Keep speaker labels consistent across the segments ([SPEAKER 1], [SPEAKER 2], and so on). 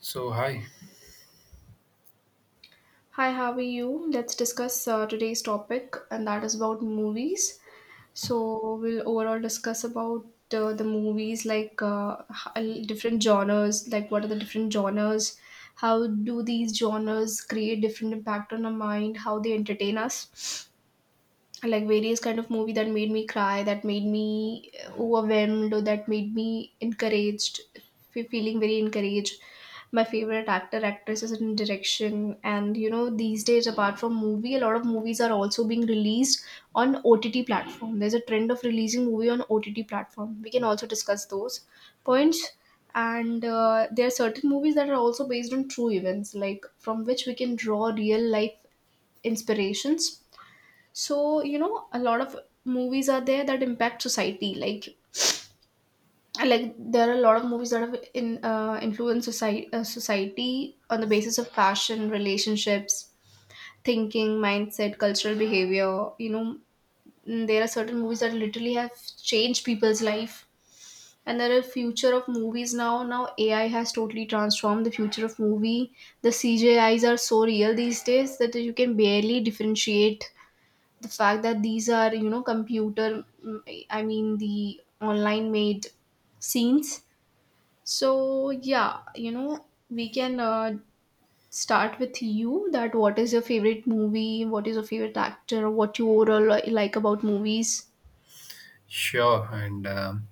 [SPEAKER 1] So hi,
[SPEAKER 2] Hi, how are you? Let's discuss today's topic, and that is about movies. So, we'll overall discuss about the movies, like different genres, like what are the different genres, how do these genres create different impact on our mind, how they entertain us, like various kind of movie that made me cry, that made me overwhelmed, or that made me feeling very encouraged. My favorite actor, actresses, is in direction. And you know, these days, apart from movie, a lot of movies are also being released on OTT platform. There's a trend of releasing movie on OTT platform. We can also discuss those points. And there are certain movies that are also based on true events, like from which we can draw real life inspirations. So you know, a lot of movies are there that impact society, like there are a lot of movies that have in influenced society, society on the basis of fashion, relationships, thinking, mindset, cultural behavior, you know. There are certain movies that literally have changed people's life. And there are future of movies. Now AI has totally transformed the future of movie. The CGIs are so real these days that you can barely differentiate the fact that these are, you know, computer, I mean, the online made scenes. So yeah, you know, we can start with you, that what is your favorite movie, what is your favorite actor, what you overall like about movies.
[SPEAKER 1] sure, and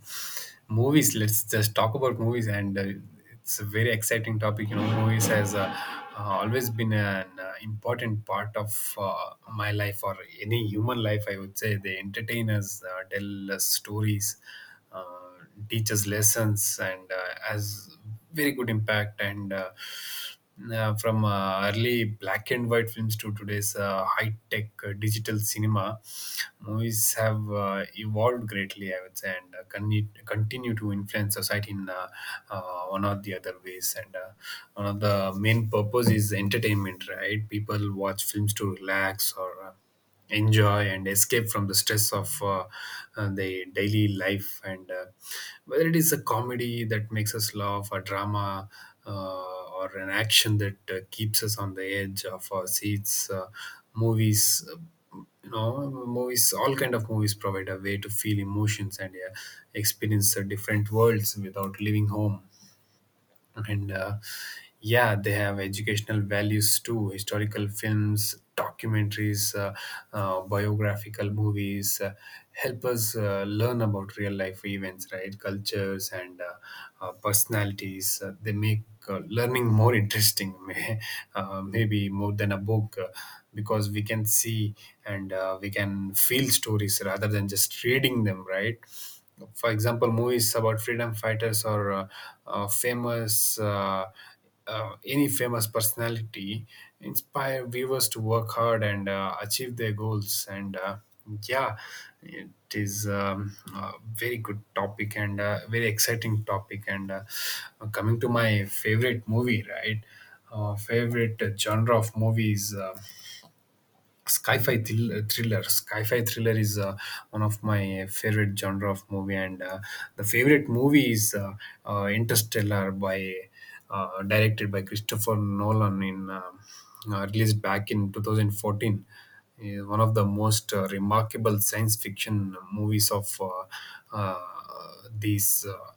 [SPEAKER 1] movies. Let's just talk about movies, and it's a very exciting topic. You know, movies has always been an important part of my life or any human life. I would say they entertain us, tell us stories, uh, teach us lessons, and has very good impact and. From early black and white films to today's high tech digital cinema, movies have evolved greatly, I would say, and continue to influence society in one or the other ways. And One of the main purpose is entertainment, right? People watch films to relax or enjoy and escape from the stress of the daily life, and whether it is a comedy that makes us laugh, a drama or an action that keeps us on the edge of our seats movies You know, movies all kind of movies provide a way to feel emotions and experience different worlds without leaving home, and yeah, they have educational values too. Historical films, documentaries, biographical movies help us learn about real life events, right, cultures and personalities. They make learning more interesting maybe more than a book, because we can see and we can feel stories rather than just reading them, right? For example, movies about freedom fighters or famous any famous personality inspire viewers to work hard and achieve their goals, and yeah, it is a very good topic and a very exciting topic, and coming to my favorite movie, right? Favorite genre of movies, thriller, sci-fi thriller is one of my favorite genre of movie, and the favorite movie is Interstellar by directed by Christopher Nolan, in released back in 2014. Is one of the most remarkable science fiction movies of uh, these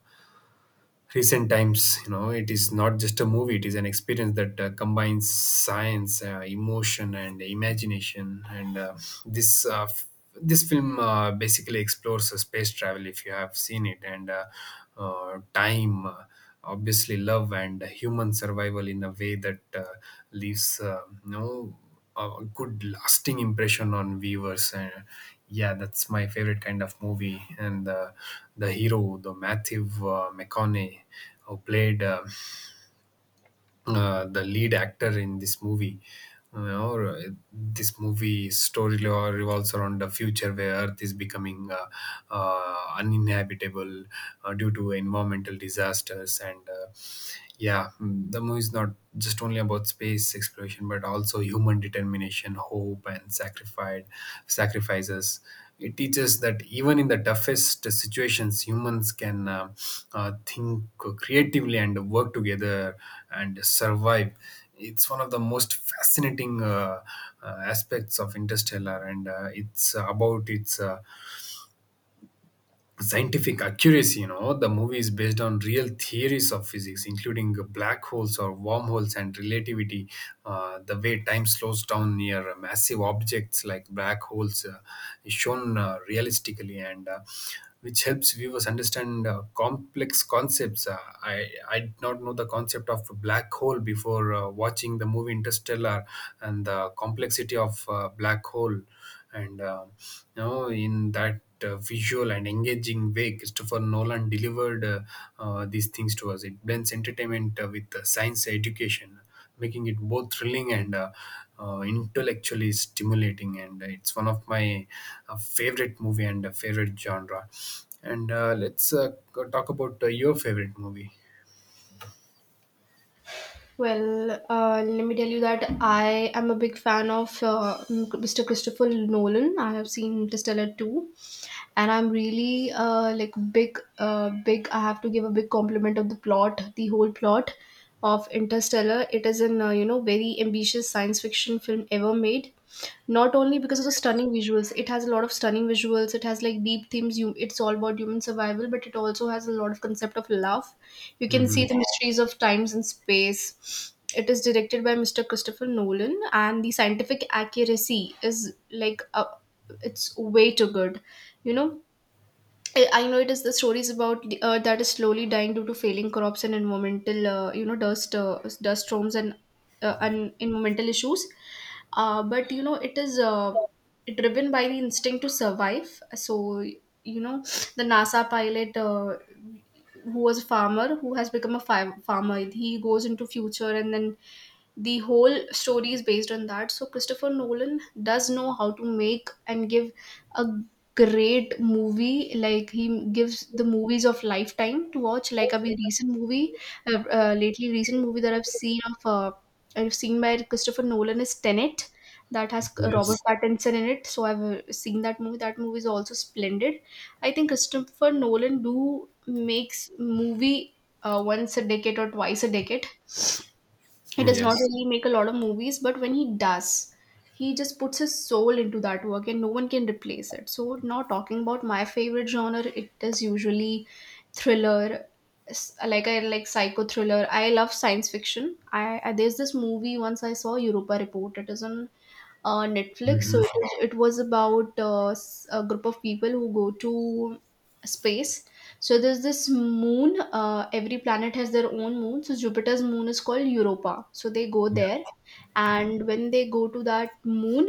[SPEAKER 1] recent times. You know, it is not just a movie, it is an experience that combines science, emotion and imagination, and this uh, f- this film basically explores space travel, if you have seen it, and time, obviously love and human survival in a way that leaves no a good lasting impression on viewers. And yeah, that's my favorite kind of movie, and the hero, the Matthew McConaughey, who played the lead actor in this movie. you know, uh, this movie story revolves around the future where Earth is becoming uninhabitable due to environmental disasters, and yeah. The movie is not just only about space exploration, but also human determination, determination, hope, and sacrifice, sacrifices. It teaches that even in the toughest situations, humans can think creatively and work together and survive. It's one of the most fascinating aspects of Interstellar, and it's about its scientific accuracy. You know, the movie is based on real theories of physics, including black holes or wormholes and relativity. The way time slows down near massive objects like black holes is shown realistically, and. Which helps viewers understand complex concepts. I did not know the concept of a black hole before watching the movie Interstellar and the complexity of black hole. And you know, in that visual and engaging way, Christopher Nolan delivered these things to us. It blends entertainment with science education, making it both thrilling and intellectually stimulating. And it's one of my favorite movie and favorite genre. And let's talk about your favorite movie.
[SPEAKER 2] Well, let me tell you that I am a big fan of Mr. Christopher Nolan. I have seen Interstellar too, and I'm really like big, big. I have to give a big compliment of the plot, the whole plot of Interstellar. It is an you know, very ambitious science fiction film ever made, not only because of the stunning visuals. It has a lot of stunning visuals. It has like deep themes. You, it's all about human survival, but it also has a lot of concept of love. You can see
[SPEAKER 1] Hmm.
[SPEAKER 2] the mysteries of times and space. It is directed by Mr. Christopher Nolan, and the scientific accuracy is like it's way too good. You know, I know it is the stories about the earth that is slowly dying due to failing crops and environmental, you know, dust storms and environmental issues. But you know, it is driven by the instinct to survive. So you know, the NASA pilot who was a farmer, who has become a farmer, he goes into future, and then the whole story is based on that. So Christopher Nolan does know how to make and give a great movie. Like he gives the movies of lifetime to watch. Like a very recent movie, lately recent movie that I've seen by Christopher Nolan is Tenet, that has Robert
[SPEAKER 1] Yes.
[SPEAKER 2] Pattinson in it. So I've seen that movie. That movie is also splendid. I think Christopher Nolan do makes movie once a decade or twice a decade. He does not
[SPEAKER 1] Yes.
[SPEAKER 2] really make a lot of movies, but when he does, he just puts his soul into that work, and no one can replace it. So now, talking about my favorite genre, it is usually thriller. Like I like psycho thriller, I love science fiction. I, there's this movie once I saw Europa Report. It is on Netflix. So it,
[SPEAKER 1] Hmm.
[SPEAKER 2] was- it was about a group of people who go to space. So there's this moon. Every planet has their own moon. So Jupiter's moon is called Europa. So they go
[SPEAKER 1] Yeah.
[SPEAKER 2] there, and when they go to that moon,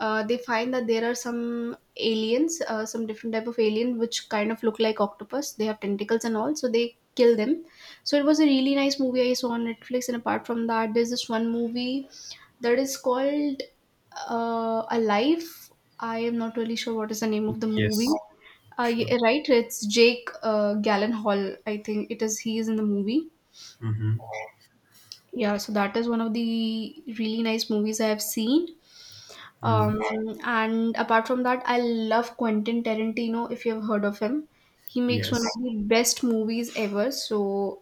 [SPEAKER 2] they find that there are some aliens, some different type of alien which kind of look like octopus. They have tentacles and all. So they kill them. So it was a really nice movie I saw on Netflix. And apart from that, there's this one movie that is called A Life. I am not really sure what is the name of the movie.
[SPEAKER 1] Yes. Sure.
[SPEAKER 2] Yeah, right, it's Jake Gallenhall, I think it is, he is in the movie.
[SPEAKER 1] Hmm.
[SPEAKER 2] Yeah, so that is one of the really nice movies I have seen.
[SPEAKER 1] Mm.
[SPEAKER 2] um, and apart from that, I love Quentin Tarantino, if you've heard of him. He makes one of
[SPEAKER 1] Yes.
[SPEAKER 2] the best movies ever. So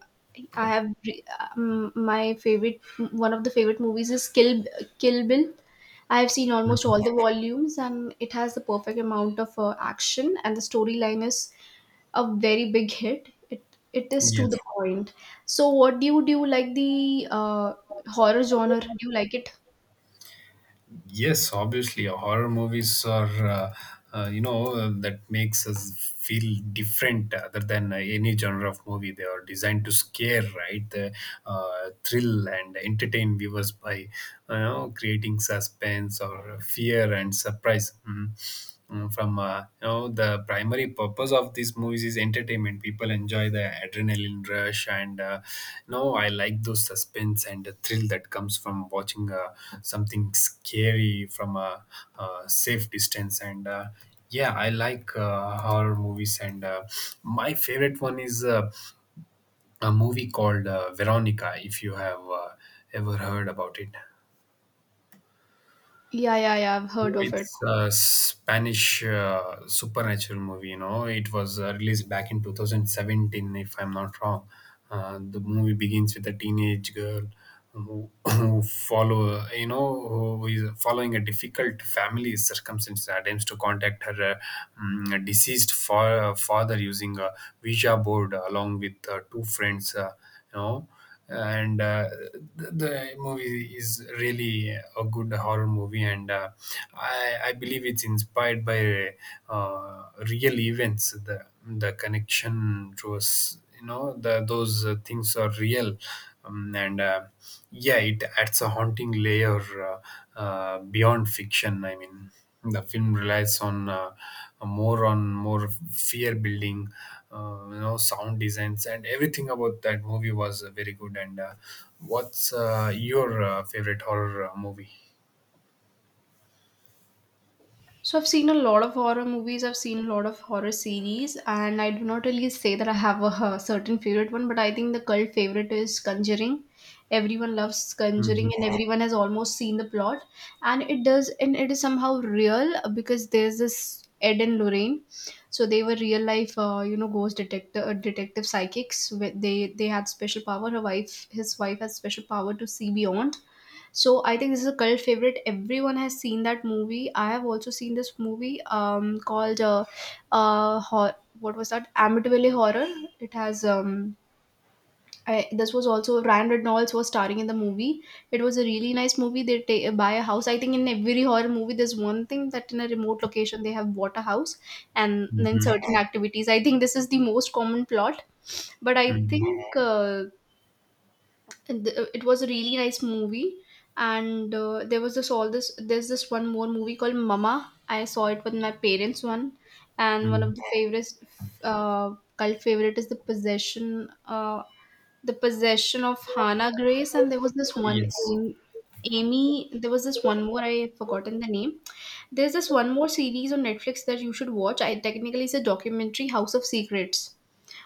[SPEAKER 2] I have re- my favorite, one of the favorite movies is Kill Bill. I have seen almost all the volumes, and it has the perfect amount of action, and the storyline is a very big hit. It is to the
[SPEAKER 1] Yes,
[SPEAKER 2] point. So, what do? You like the horror genre? Do you like it?
[SPEAKER 1] yes, obviously, horror movies are, you know, that makes us feel different other than any genre of movie. They are designed to scare, right? They thrill and entertain viewers by, you know, creating suspense or fear and surprise. Mhm. From you know, the primary purpose of these movies is entertainment. People enjoy the adrenaline rush, and you know, I like those suspense and the thrill that comes from watching something scary from a safe distance, and yeah, I like horror movies, and my favorite one is a movie called Veronica, if you have ever heard about it.
[SPEAKER 2] Yeah, yeah, yeah. I've heard of it.
[SPEAKER 1] It's a Spanish supernatural movie. You know, it was released back in 2017, if I'm not wrong. The movie begins with a teenage girl who, who is following a difficult family circumstance, attempts to contact her deceased father using a Ouija board along with two friends. You know, and the movie is really a good horror movie, and I believe it's inspired by real events. The connection to us, you know, those things are real, and yeah, it adds a haunting layer beyond fiction. I mean, the film relies on more fear building, you know, sound designs, and everything about that movie was very good. And what's your favorite horror movie?
[SPEAKER 2] So I've seen a lot of horror movies. I've seen a lot of horror series, and I do not really say that I have a certain favorite one, but I think the cult favorite is Conjuring. Everyone loves Conjuring,
[SPEAKER 1] Hmm.
[SPEAKER 2] and everyone has almost seen the plot, and it does, and it is somehow real because there's this Ed and Lorraine, so they were real life, you know, detective psychics. Where they had special power. His wife has special power to see beyond. So I think this is a cult favorite. Everyone has seen that movie. I have also seen this movie called what was that? Amityville Horror. It has this was also Ryan Reynolds was starring in the movie. It was a really nice movie. They buy a house. I think in every horror movie, there's one thing that in a remote location they have bought a house, and then
[SPEAKER 1] Hmm.
[SPEAKER 2] certain activities. I think this is the most common plot. But I
[SPEAKER 1] Hmm.
[SPEAKER 2] think it was a really nice movie. And there was this, all this, there's this one more movie called Mama. I saw it with my parents, one and one
[SPEAKER 1] Hmm.
[SPEAKER 2] of the favorites, uh, cult favorite is The Possession. The Possession of Hannah Grace. And there was this one
[SPEAKER 1] Yes.
[SPEAKER 2] Am- Amy, there was this one more, I've forgotten the name. There's this one more series on Netflix that you should watch. I Technically, it's a documentary, House of Secrets,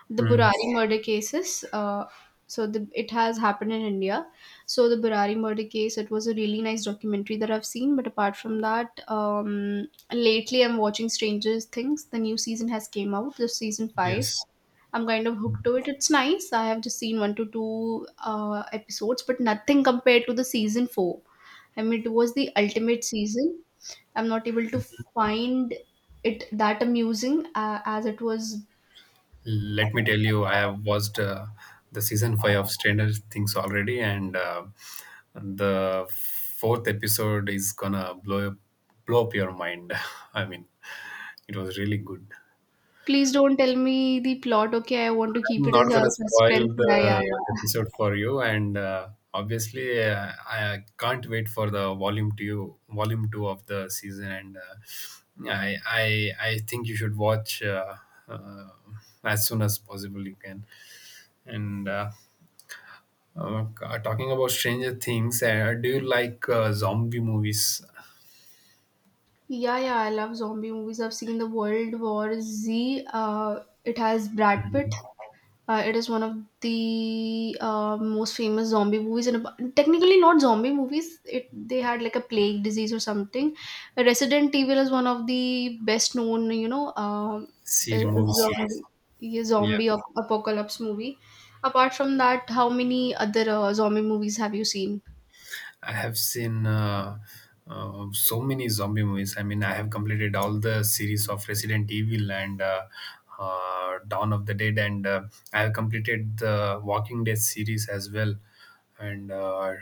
[SPEAKER 2] the
[SPEAKER 1] Hmm.
[SPEAKER 2] Burari murder cases. It has happened in India. So the Burari murder case, it was a really nice documentary that I've seen. But apart from that, lately I'm watching Stranger Things. The new season has came out. This season five.
[SPEAKER 1] Yes.
[SPEAKER 2] I'm kind of hooked to it. It's nice. I have just seen one to two episodes, but nothing compared to the season four. I mean, it was the ultimate season. I'm not able to find it that amusing as it was.
[SPEAKER 1] Let me tell you, I have watched the season five of Stranger Things already, and the fourth episode is gonna blow up your mind. I mean, it was really good.
[SPEAKER 2] Please don't tell me the plot, okay? I want to keep
[SPEAKER 1] I'm
[SPEAKER 2] it as
[SPEAKER 1] not
[SPEAKER 2] a
[SPEAKER 1] gonna spoil
[SPEAKER 2] suspense. Yeah, yeah,
[SPEAKER 1] the
[SPEAKER 2] yeah.
[SPEAKER 1] episode for you, and obviously, I can't wait for the volume two of the season, and I think you should watch uh, as soon as possible you can, and talking about Stranger Things, do you like zombie movies?
[SPEAKER 2] Yeah, yeah, I love zombie movies. I've seen the World War Z. It has Brad Pitt.
[SPEAKER 1] Mhm.
[SPEAKER 2] It is one of the most famous zombie movies, and technically not zombie movies. It they had like a plague disease or something. Resident Evil is one of the best known, you know,
[SPEAKER 1] Series, movie
[SPEAKER 2] zombie
[SPEAKER 1] series.
[SPEAKER 2] yeah,
[SPEAKER 1] Yeah.
[SPEAKER 2] zombie ap- apocalypse movie. Apart from that, how many other zombie movies have you seen?
[SPEAKER 1] I have seen so many zombie movies. I mean, I have completed all the series of Resident Evil, and Dawn of the Dead, and I have completed the Walking Dead series as well, and uh,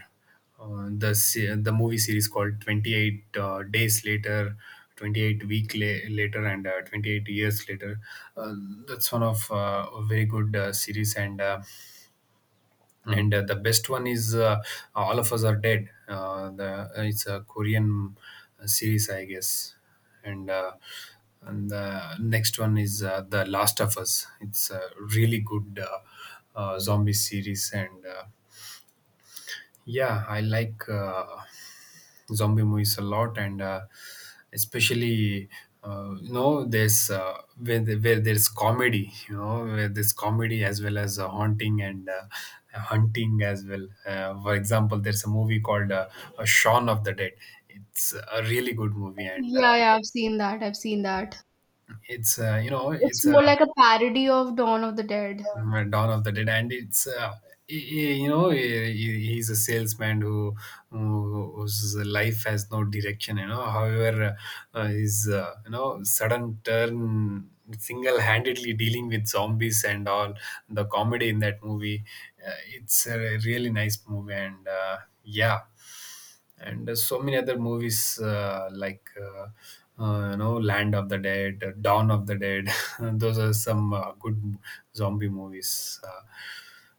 [SPEAKER 1] uh, the the movie series called 28 Days Later. 28 later, and 28 years later. uh, that's one of a very good series, and the best one is All of Us Are Dead. The It's a Korean series, I guess, and the next one is The Last of Us. It's a really good zombie series, and yeah, I like zombie movies a lot, and especially you know, where there's comedy, you know, where there's comedy as well as haunting and hunting as well. For example, there's a movie called Shaun of the Dead. It's a really good movie, and
[SPEAKER 2] Yeah, yeah, I've seen that. I've seen that.
[SPEAKER 1] it's you know,
[SPEAKER 2] It's
[SPEAKER 1] it's a
[SPEAKER 2] more like a parody of Dawn of the Dead.
[SPEAKER 1] Dawn of the Dead, and it's you know, he's a salesman who whose life has no direction. You know, however, his you know, sudden turn, single-handedly dealing with zombies and all the comedy in that movie, uh, it's a really nice movie, and yeah, and so many other movies like you know, Land of the Dead, Dawn of the Dead. Those are some good zombie movies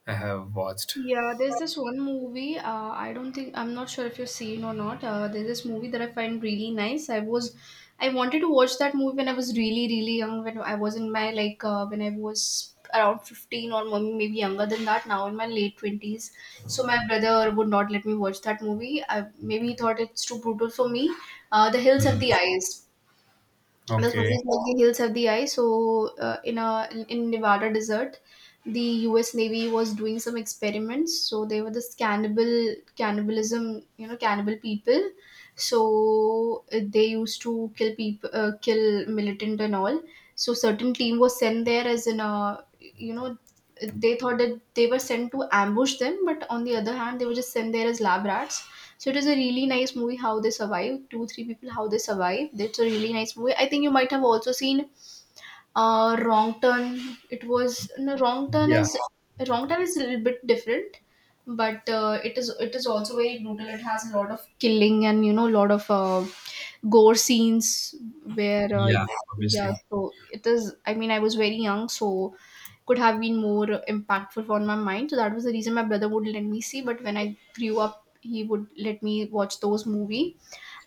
[SPEAKER 1] I have watched.
[SPEAKER 2] Yeah, there's this one movie. I don't think I'm not sure if you've seen or not. There's this movie that I find really nice. I wanted to watch that movie when I was really, really young. When I was in my like, when I was around 15 or maybe younger than that. Now in my late 20s, so my brother would not let me watch that movie. I Maybe he thought it's too brutal for me. The Hills Have the
[SPEAKER 1] Mhm.
[SPEAKER 2] Eyes. This movie is
[SPEAKER 1] Okay.
[SPEAKER 2] like the Hills Have the Eye. So in a in Nevada desert, the U.S. Navy was doing some experiments. So they were this cannibalism, you know, cannibal people. So they used to kill people, kill militant and all. So certain team was sent there as in a, you know, they thought that they were sent to ambush them, but on the other hand, they were just sent there as lab rats. So it is a really nice movie how they survive. Two, three people how they survive. That's a really nice movie. I think you might have also seen Wrong Turn. It was no Wrong Turn
[SPEAKER 1] Yeah.
[SPEAKER 2] is Wrong Turn is a little bit different, but it is also very brutal. It has a lot of killing and, you know, a lot of gore scenes where
[SPEAKER 1] Yeah.
[SPEAKER 2] yeah.
[SPEAKER 1] Obviously.
[SPEAKER 2] So it is. I was very young, so could have been more impactful on my mind. So that was the reason my brother would let me see. But when I grew up, he would let me watch those movie.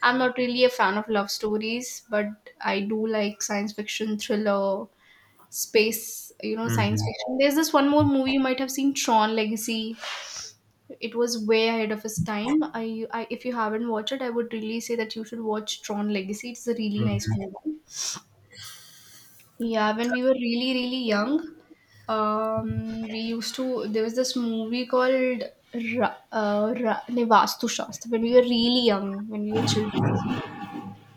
[SPEAKER 2] I'm not really a fan of love stories, but I do like science fiction, thriller, space, you know, science
[SPEAKER 1] Hmm.
[SPEAKER 2] fiction. There's this one more movie you might have seen, Tron Legacy. It was way ahead of its time. I if you haven't watched it, I would really say that you should watch Tron Legacy. It's a really nice movie. Yeah, when we were really, really young, we used to. There was this movie called Ra, Ra, ne, Vastu Shastra, when we were really young, when we were children,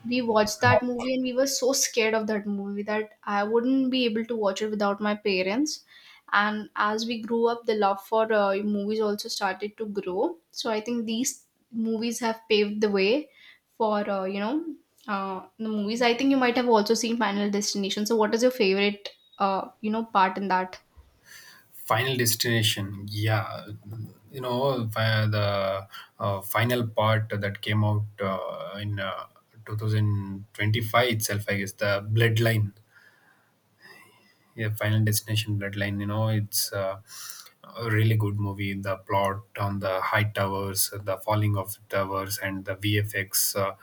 [SPEAKER 2] we watched that movie and we were so scared of that movie that I wouldn't be able to watch it without my parents. And as we grew up, the love for movies also started to grow. So I think these movies have paved the way for you know the movies. I think you might have also seen Final Destination. So what is your favorite you know part in that.
[SPEAKER 1] Final Destination. Yeah. You know, the final part that came out in 2025 itself, I guess, the Bloodline. Yeah, Final Destination Bloodline. You know, it's a really good movie. The plot on the high towers, the falling of towers, and the VFX, uh,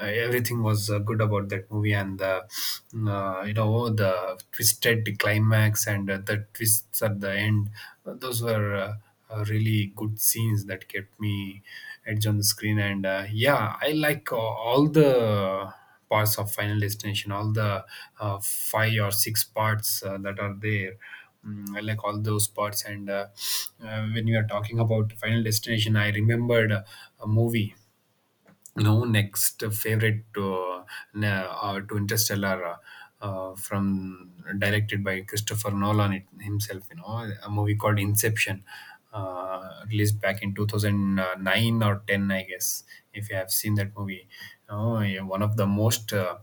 [SPEAKER 1] uh, everything was good about that movie, and the you know, the twisted climax, and the twists at the end. Those were really good scenes that kept me edge on the screen, and yeah, I like all the parts of Final Destination, all the five or six parts that are there. I like all those parts, and when you are talking about Final Destination, I remembered a movie, no next favorite to Interstellar from directed by Christopher Nolan himself. You know, a movie called Inception, released back in 2009 or 10, I guess, if you have seen that movie. You know, yeah, one of the most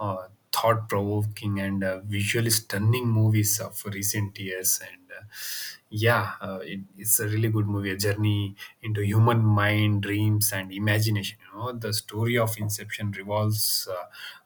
[SPEAKER 1] uh, thought provoking and visually stunning movies of recent years. And yeah, it's a really good movie, a journey into human mind, dreams, and imagination. You know, the story of Inception revolves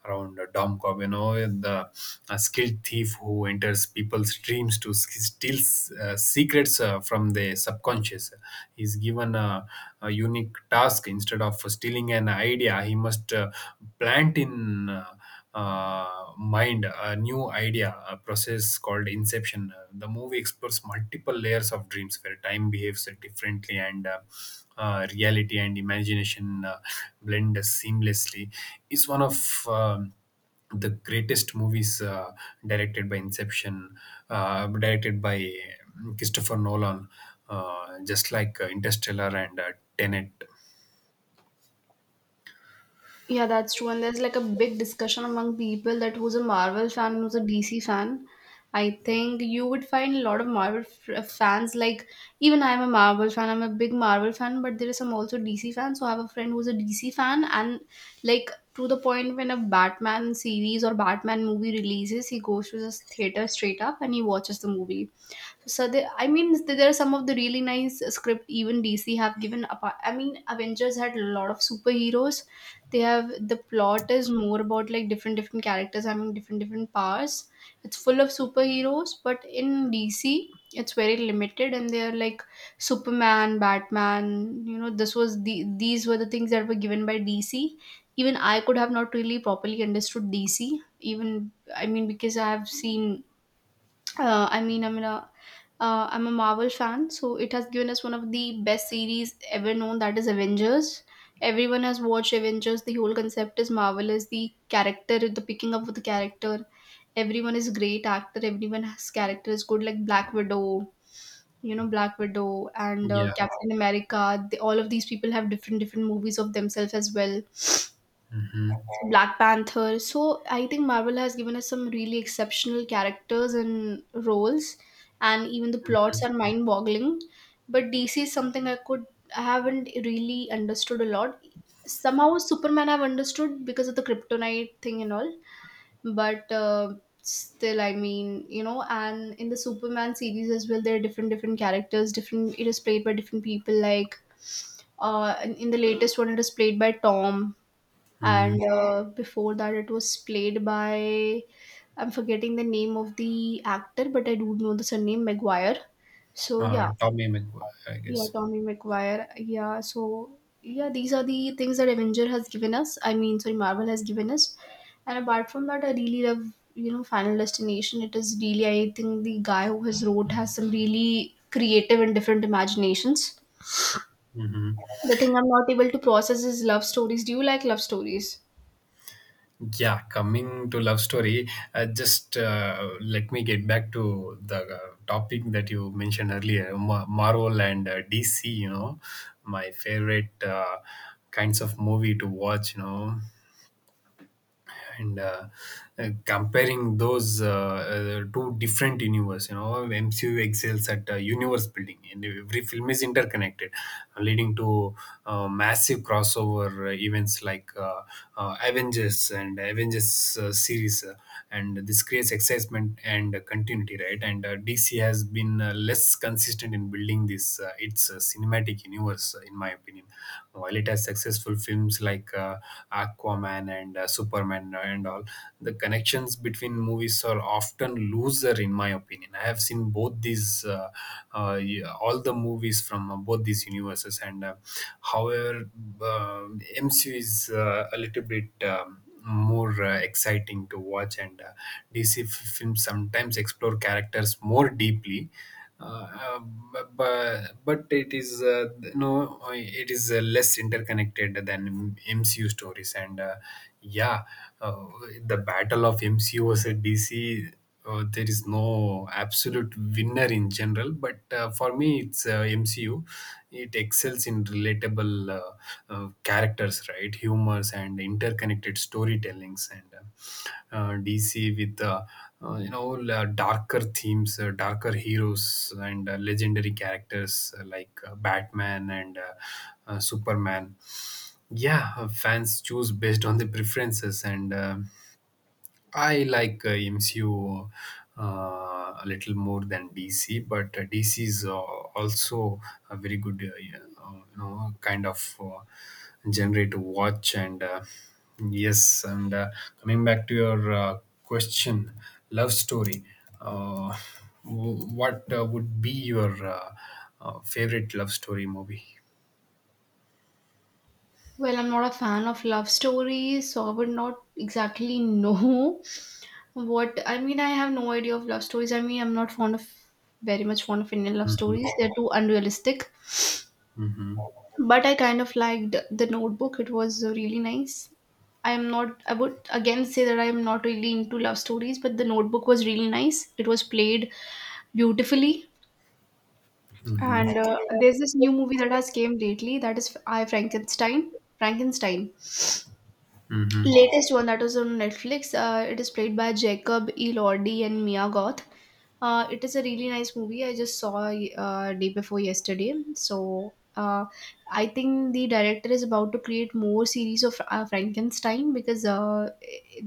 [SPEAKER 1] around Dom Cobb, you know, the skilled thief who enters people's dreams to steal secrets from their subconscious. He's given a unique task. Instead of stealing an idea, he must plant in mind a new idea, a process called inception. The movie explores multiple layers of dreams where time behaves differently, and reality and imagination uh, blend seamlessly. It's one of um, the greatest movies directed by inception, directed by Christopher Nolan, just like Interstellar and Tenet.
[SPEAKER 2] Yeah, that's true. And there's like a big discussion among people that who's a Marvel fan, who's a DC fan. I think you would find a lot of fans. Like, even I'm a Marvel fan, I'm a big Marvel fan, but there is some also DC fans. So, I have a friend who's a DC fan, and like to the point when a Batman series or Batman movie releases, he goes to the theater straight up and he watches the movie. So they, I mean, there are some of the really nice script even DC have given apart. I mean, Avengers had a lot of superheroes. They have the plot is more about like different different characters having different different powers. It's full of superheroes, but in DC it's very limited and they are like Superman, Batman. You know, this was the these were the things that were given by DC. Even I could have not really properly understood DC. Even I mean, because I have seen I mean, I'm a Marvel fan, so it has given us one of the best series ever known. That is Avengers. Everyone has watched Avengers. The whole concept is marvelous. The character, the picking up of the character, everyone is great actor. Everyone has character is good. Like Black Widow, you know, Black Widow and
[SPEAKER 1] Yeah.
[SPEAKER 2] Captain America. They, all of these people have different different movies of themselves as well.
[SPEAKER 1] Hmm.
[SPEAKER 2] Black Panther. So I think Marvel has given us some really exceptional characters and roles, and even the plots
[SPEAKER 1] Hmm.
[SPEAKER 2] are mind-boggling. But DC is something I could I haven't really understood a lot. Somehow Superman I've understood because of the kryptonite thing and all, but still, I mean, you know, and in the Superman series as well, there are different different characters. Different it is played by different people like uh, in the latest one, it is played by Tom,
[SPEAKER 1] Hmm.
[SPEAKER 2] and before that it was played by I'm forgetting the name of the actor, but I do know the surname McGuire. So yeah.
[SPEAKER 1] Tommy McGuire, I
[SPEAKER 2] Yeah,
[SPEAKER 1] guess.
[SPEAKER 2] Tommy McGuire. Yeah, so yeah, these are the things that Avenger has given us. I mean, sorry, Marvel has given us. And apart from that, I really love, you know, Final Destination. It is really, I think the guy who has wrote has some really creative and different imaginations.
[SPEAKER 1] Mhm.
[SPEAKER 2] The thing I'm not able to process is love stories. Do you like love stories?
[SPEAKER 1] Yeah, coming to love story, just let me get back to the topic that you mentioned earlier, Marvel and DC. You know, my favorite kinds of movie to watch. You know, and comparing those two different universe, you know, MCU excels at universe building, and every film is interconnected, leading to massive crossover events like Avengers and Avengers series, and this creates excitement and continuity, right? And DC has been less consistent in building this, its cinematic universe, in my opinion. While it has successful films like Aquaman, Batman and Superman and all, the connections between movies are often looser, in my opinion. I have seen both these, yeah, all the movies from both these universes, and however, um MCU is a little bit more exciting to watch, and DC films sometimes explore characters more deeply, uh, but it is no it is less interconnected than MCU stories, and yeah. uh, the battle of MCU versus DC, there is no absolute winner in general, but for me it's MCU. It excels in relatable characters, right, humors and interconnected storytellings, and DC with you know all, darker themes, darker heroes and legendary characters like Batman and Superman. Yeah. Fans choose based on the preferences, and I like MCU a little more than DC, but DC is also a very good, yeah, you know, kind of genre to watch. And yes, and coming back to your question, love story. Uh, what would be your favorite love story movie?
[SPEAKER 2] Well, I'm not a fan of love stories, so I would not exactly know what I mean. I have no idea of love stories. I mean, I'm not fond of very much fond of Indian love
[SPEAKER 1] Mm-hmm.
[SPEAKER 2] stories. They're too unrealistic.
[SPEAKER 1] Mm-hmm.
[SPEAKER 2] But I kind of liked The Notebook. It was really nice. I am not. I would again say that I am not really into love stories, but The Notebook was really nice. It was played beautifully.
[SPEAKER 1] Mm-hmm.
[SPEAKER 2] And there's this new movie that has came lately that is I Frankenstein. Frankenstein.
[SPEAKER 1] Mm-hmm.
[SPEAKER 2] Latest one that was on Netflix. It is played by Jacob Elordi and Mia Goth. It is a really nice movie. I just saw day before yesterday. So I think the director is about to create more series of Frankenstein, because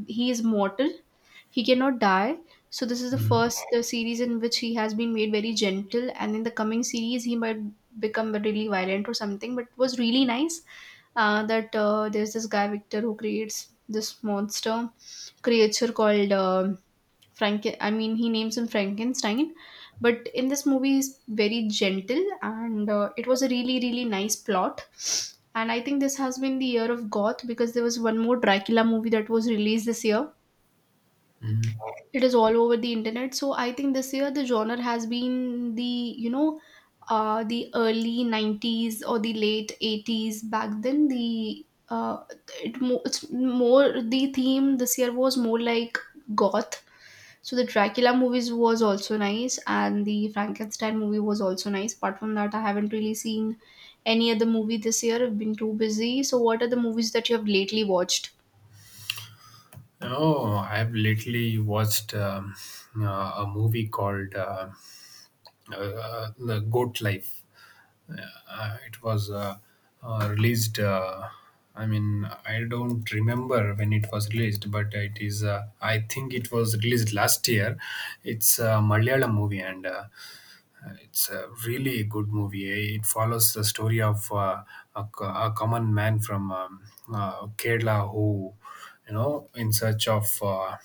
[SPEAKER 2] he is mortal, he cannot die. So this is the first series in which he has been made very gentle, and in the coming series he might become really violent or something. But it was really nice that there's this guy Victor who creates this monster creature called Franken. I mean, he names him Frankenstein, but in this movie he's very gentle, and it was a really really nice plot. And I think this has been the year of goth because there was one more Dracula movie that was released this year.
[SPEAKER 1] Mm-hmm.
[SPEAKER 2] It is all over the internet, so I think this year the genre has been the, you know, the early 90s or the late 80s back then. The it's more the theme this year was more like goth. So the Dracula movies was also nice and the Frankenstein movie was also nice. Apart from that, I haven't really seen any other movie this year. I've been too busy. So what are the movies that you have lately watched?
[SPEAKER 1] Oh, I've lately watched a movie called The Goat Life. Uh, it was released, I mean, I don't remember when it was released, but it is, I think it was released last year. It's a Malayalam movie, and it's a really good movie. Eh. It follows the story of a, a common man from Kerala who, you know, in search of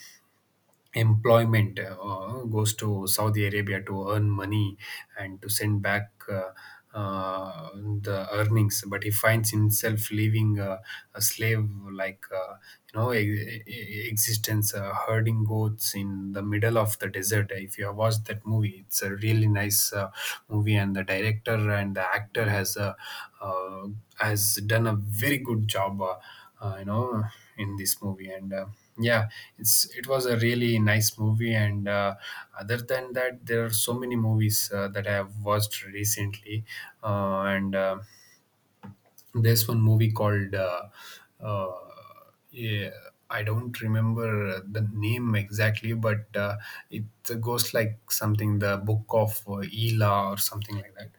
[SPEAKER 1] employment goes to Saudi Arabia to earn money and to send back uh, the earnings, but he finds himself living a slave like you know existence, herding goats in the middle of the desert. If you have watched that movie, it's a really nice movie, and the director and the actor has a uh, has done a very good job. You know in this movie, and yeah, it's, it was a really nice movie, and other than that, there are so many movies that I have watched recently, and there's one movie called uh, yeah, I don't remember the name exactly, but it goes like something, The Book of Ela or something like that.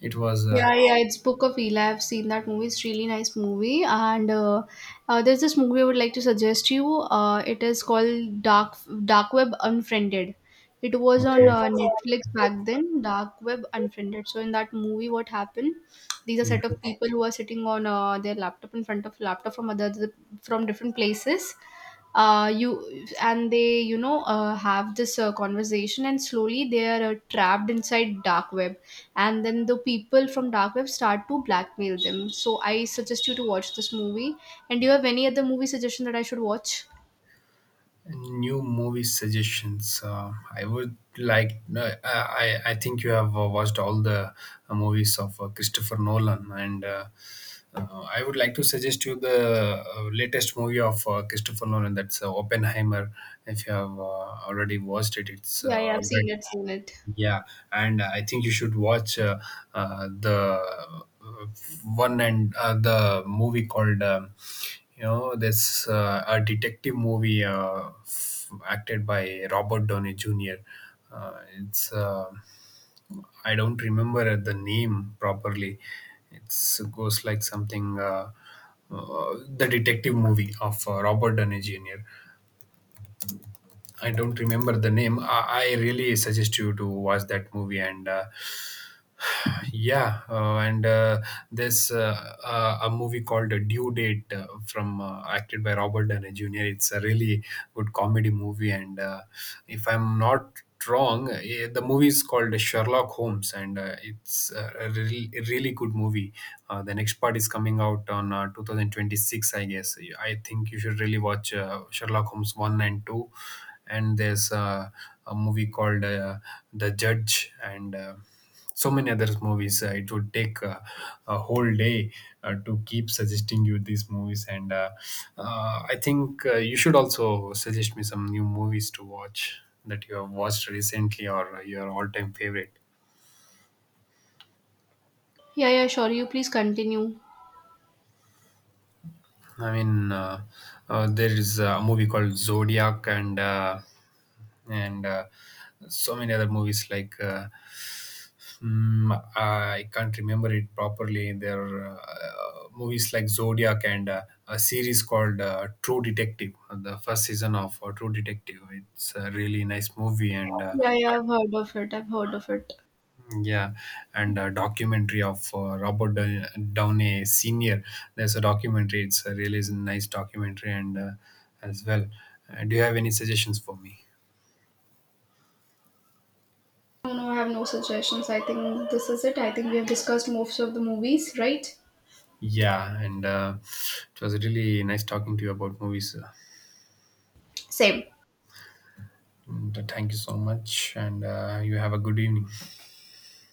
[SPEAKER 1] It was
[SPEAKER 2] Yeah, yeah, it's Book of Eli. I've seen that movie. It's really nice movie. And there's this movie I would like to suggest you. It is called Dark Web Unfriended. It was on
[SPEAKER 1] okay.
[SPEAKER 2] Netflix back then. Dark Web Unfriended. So in that movie, what happened? These are set of people who are sitting on their laptop, in front of laptop from other from different places. You and they, you know, have this conversation, and slowly they are trapped inside dark web, and then the people from dark web start to blackmail them. So I suggest you to watch this movie. And do you have any other movie suggestion that I should watch?
[SPEAKER 1] New movie suggestions. I would like. No, I think you have watched all the movies of Christopher Nolan, and I would like to suggest you the latest movie of Christopher Nolan. That's Oppenheimer. If you have already watched it, it's
[SPEAKER 2] Yeah, yeah,
[SPEAKER 1] all
[SPEAKER 2] I've
[SPEAKER 1] right.
[SPEAKER 2] seen it, seen it.
[SPEAKER 1] Yeah, and I think you should watch the one and the movie called you know, this a detective movie acted by Robert Downey Jr. It's I don't remember the name properly. It's goes like something the detective movie of Robert Downey Jr. I don't remember the name. I really suggest you to watch that movie. And yeah, and there's a movie called Due Date, from acted by Robert Downey Jr. It's a really good comedy movie, and if I'm not wrong, eh, the movie is called Sherlock Holmes, and it's a really good movie. The next part is coming out on 2026, I guess. I think you should really watch Sherlock Holmes 1 and 2. And there's a movie called The Judge, and so many other movies. It would take a whole day to keep suggesting you these movies, and I think you should also suggest me some new movies to watch that you have watched recently or your all-time favorite.
[SPEAKER 2] Yeah, yeah, sure, you please continue.
[SPEAKER 1] I mean, there is a movie called Zodiac, and so many other movies like Mm, I can't remember it properly. There are movies like Zodiac and a series called True Detective. The first season of True Detective. It's a really nice movie, and
[SPEAKER 2] Yeah, yeah, I've heard of it, I've heard of it.
[SPEAKER 1] yeah, and a documentary of Downey Senior. There's a documentary. It's a really nice documentary, and as well. Do you have any suggestions for me?
[SPEAKER 2] No, no, I have no suggestions. I think this is it. I think we have discussed most of the movies, right?
[SPEAKER 1] Yeah, and it was really nice talking to you about movies.
[SPEAKER 2] Same.
[SPEAKER 1] Mm, thank you so much, and you have a good evening.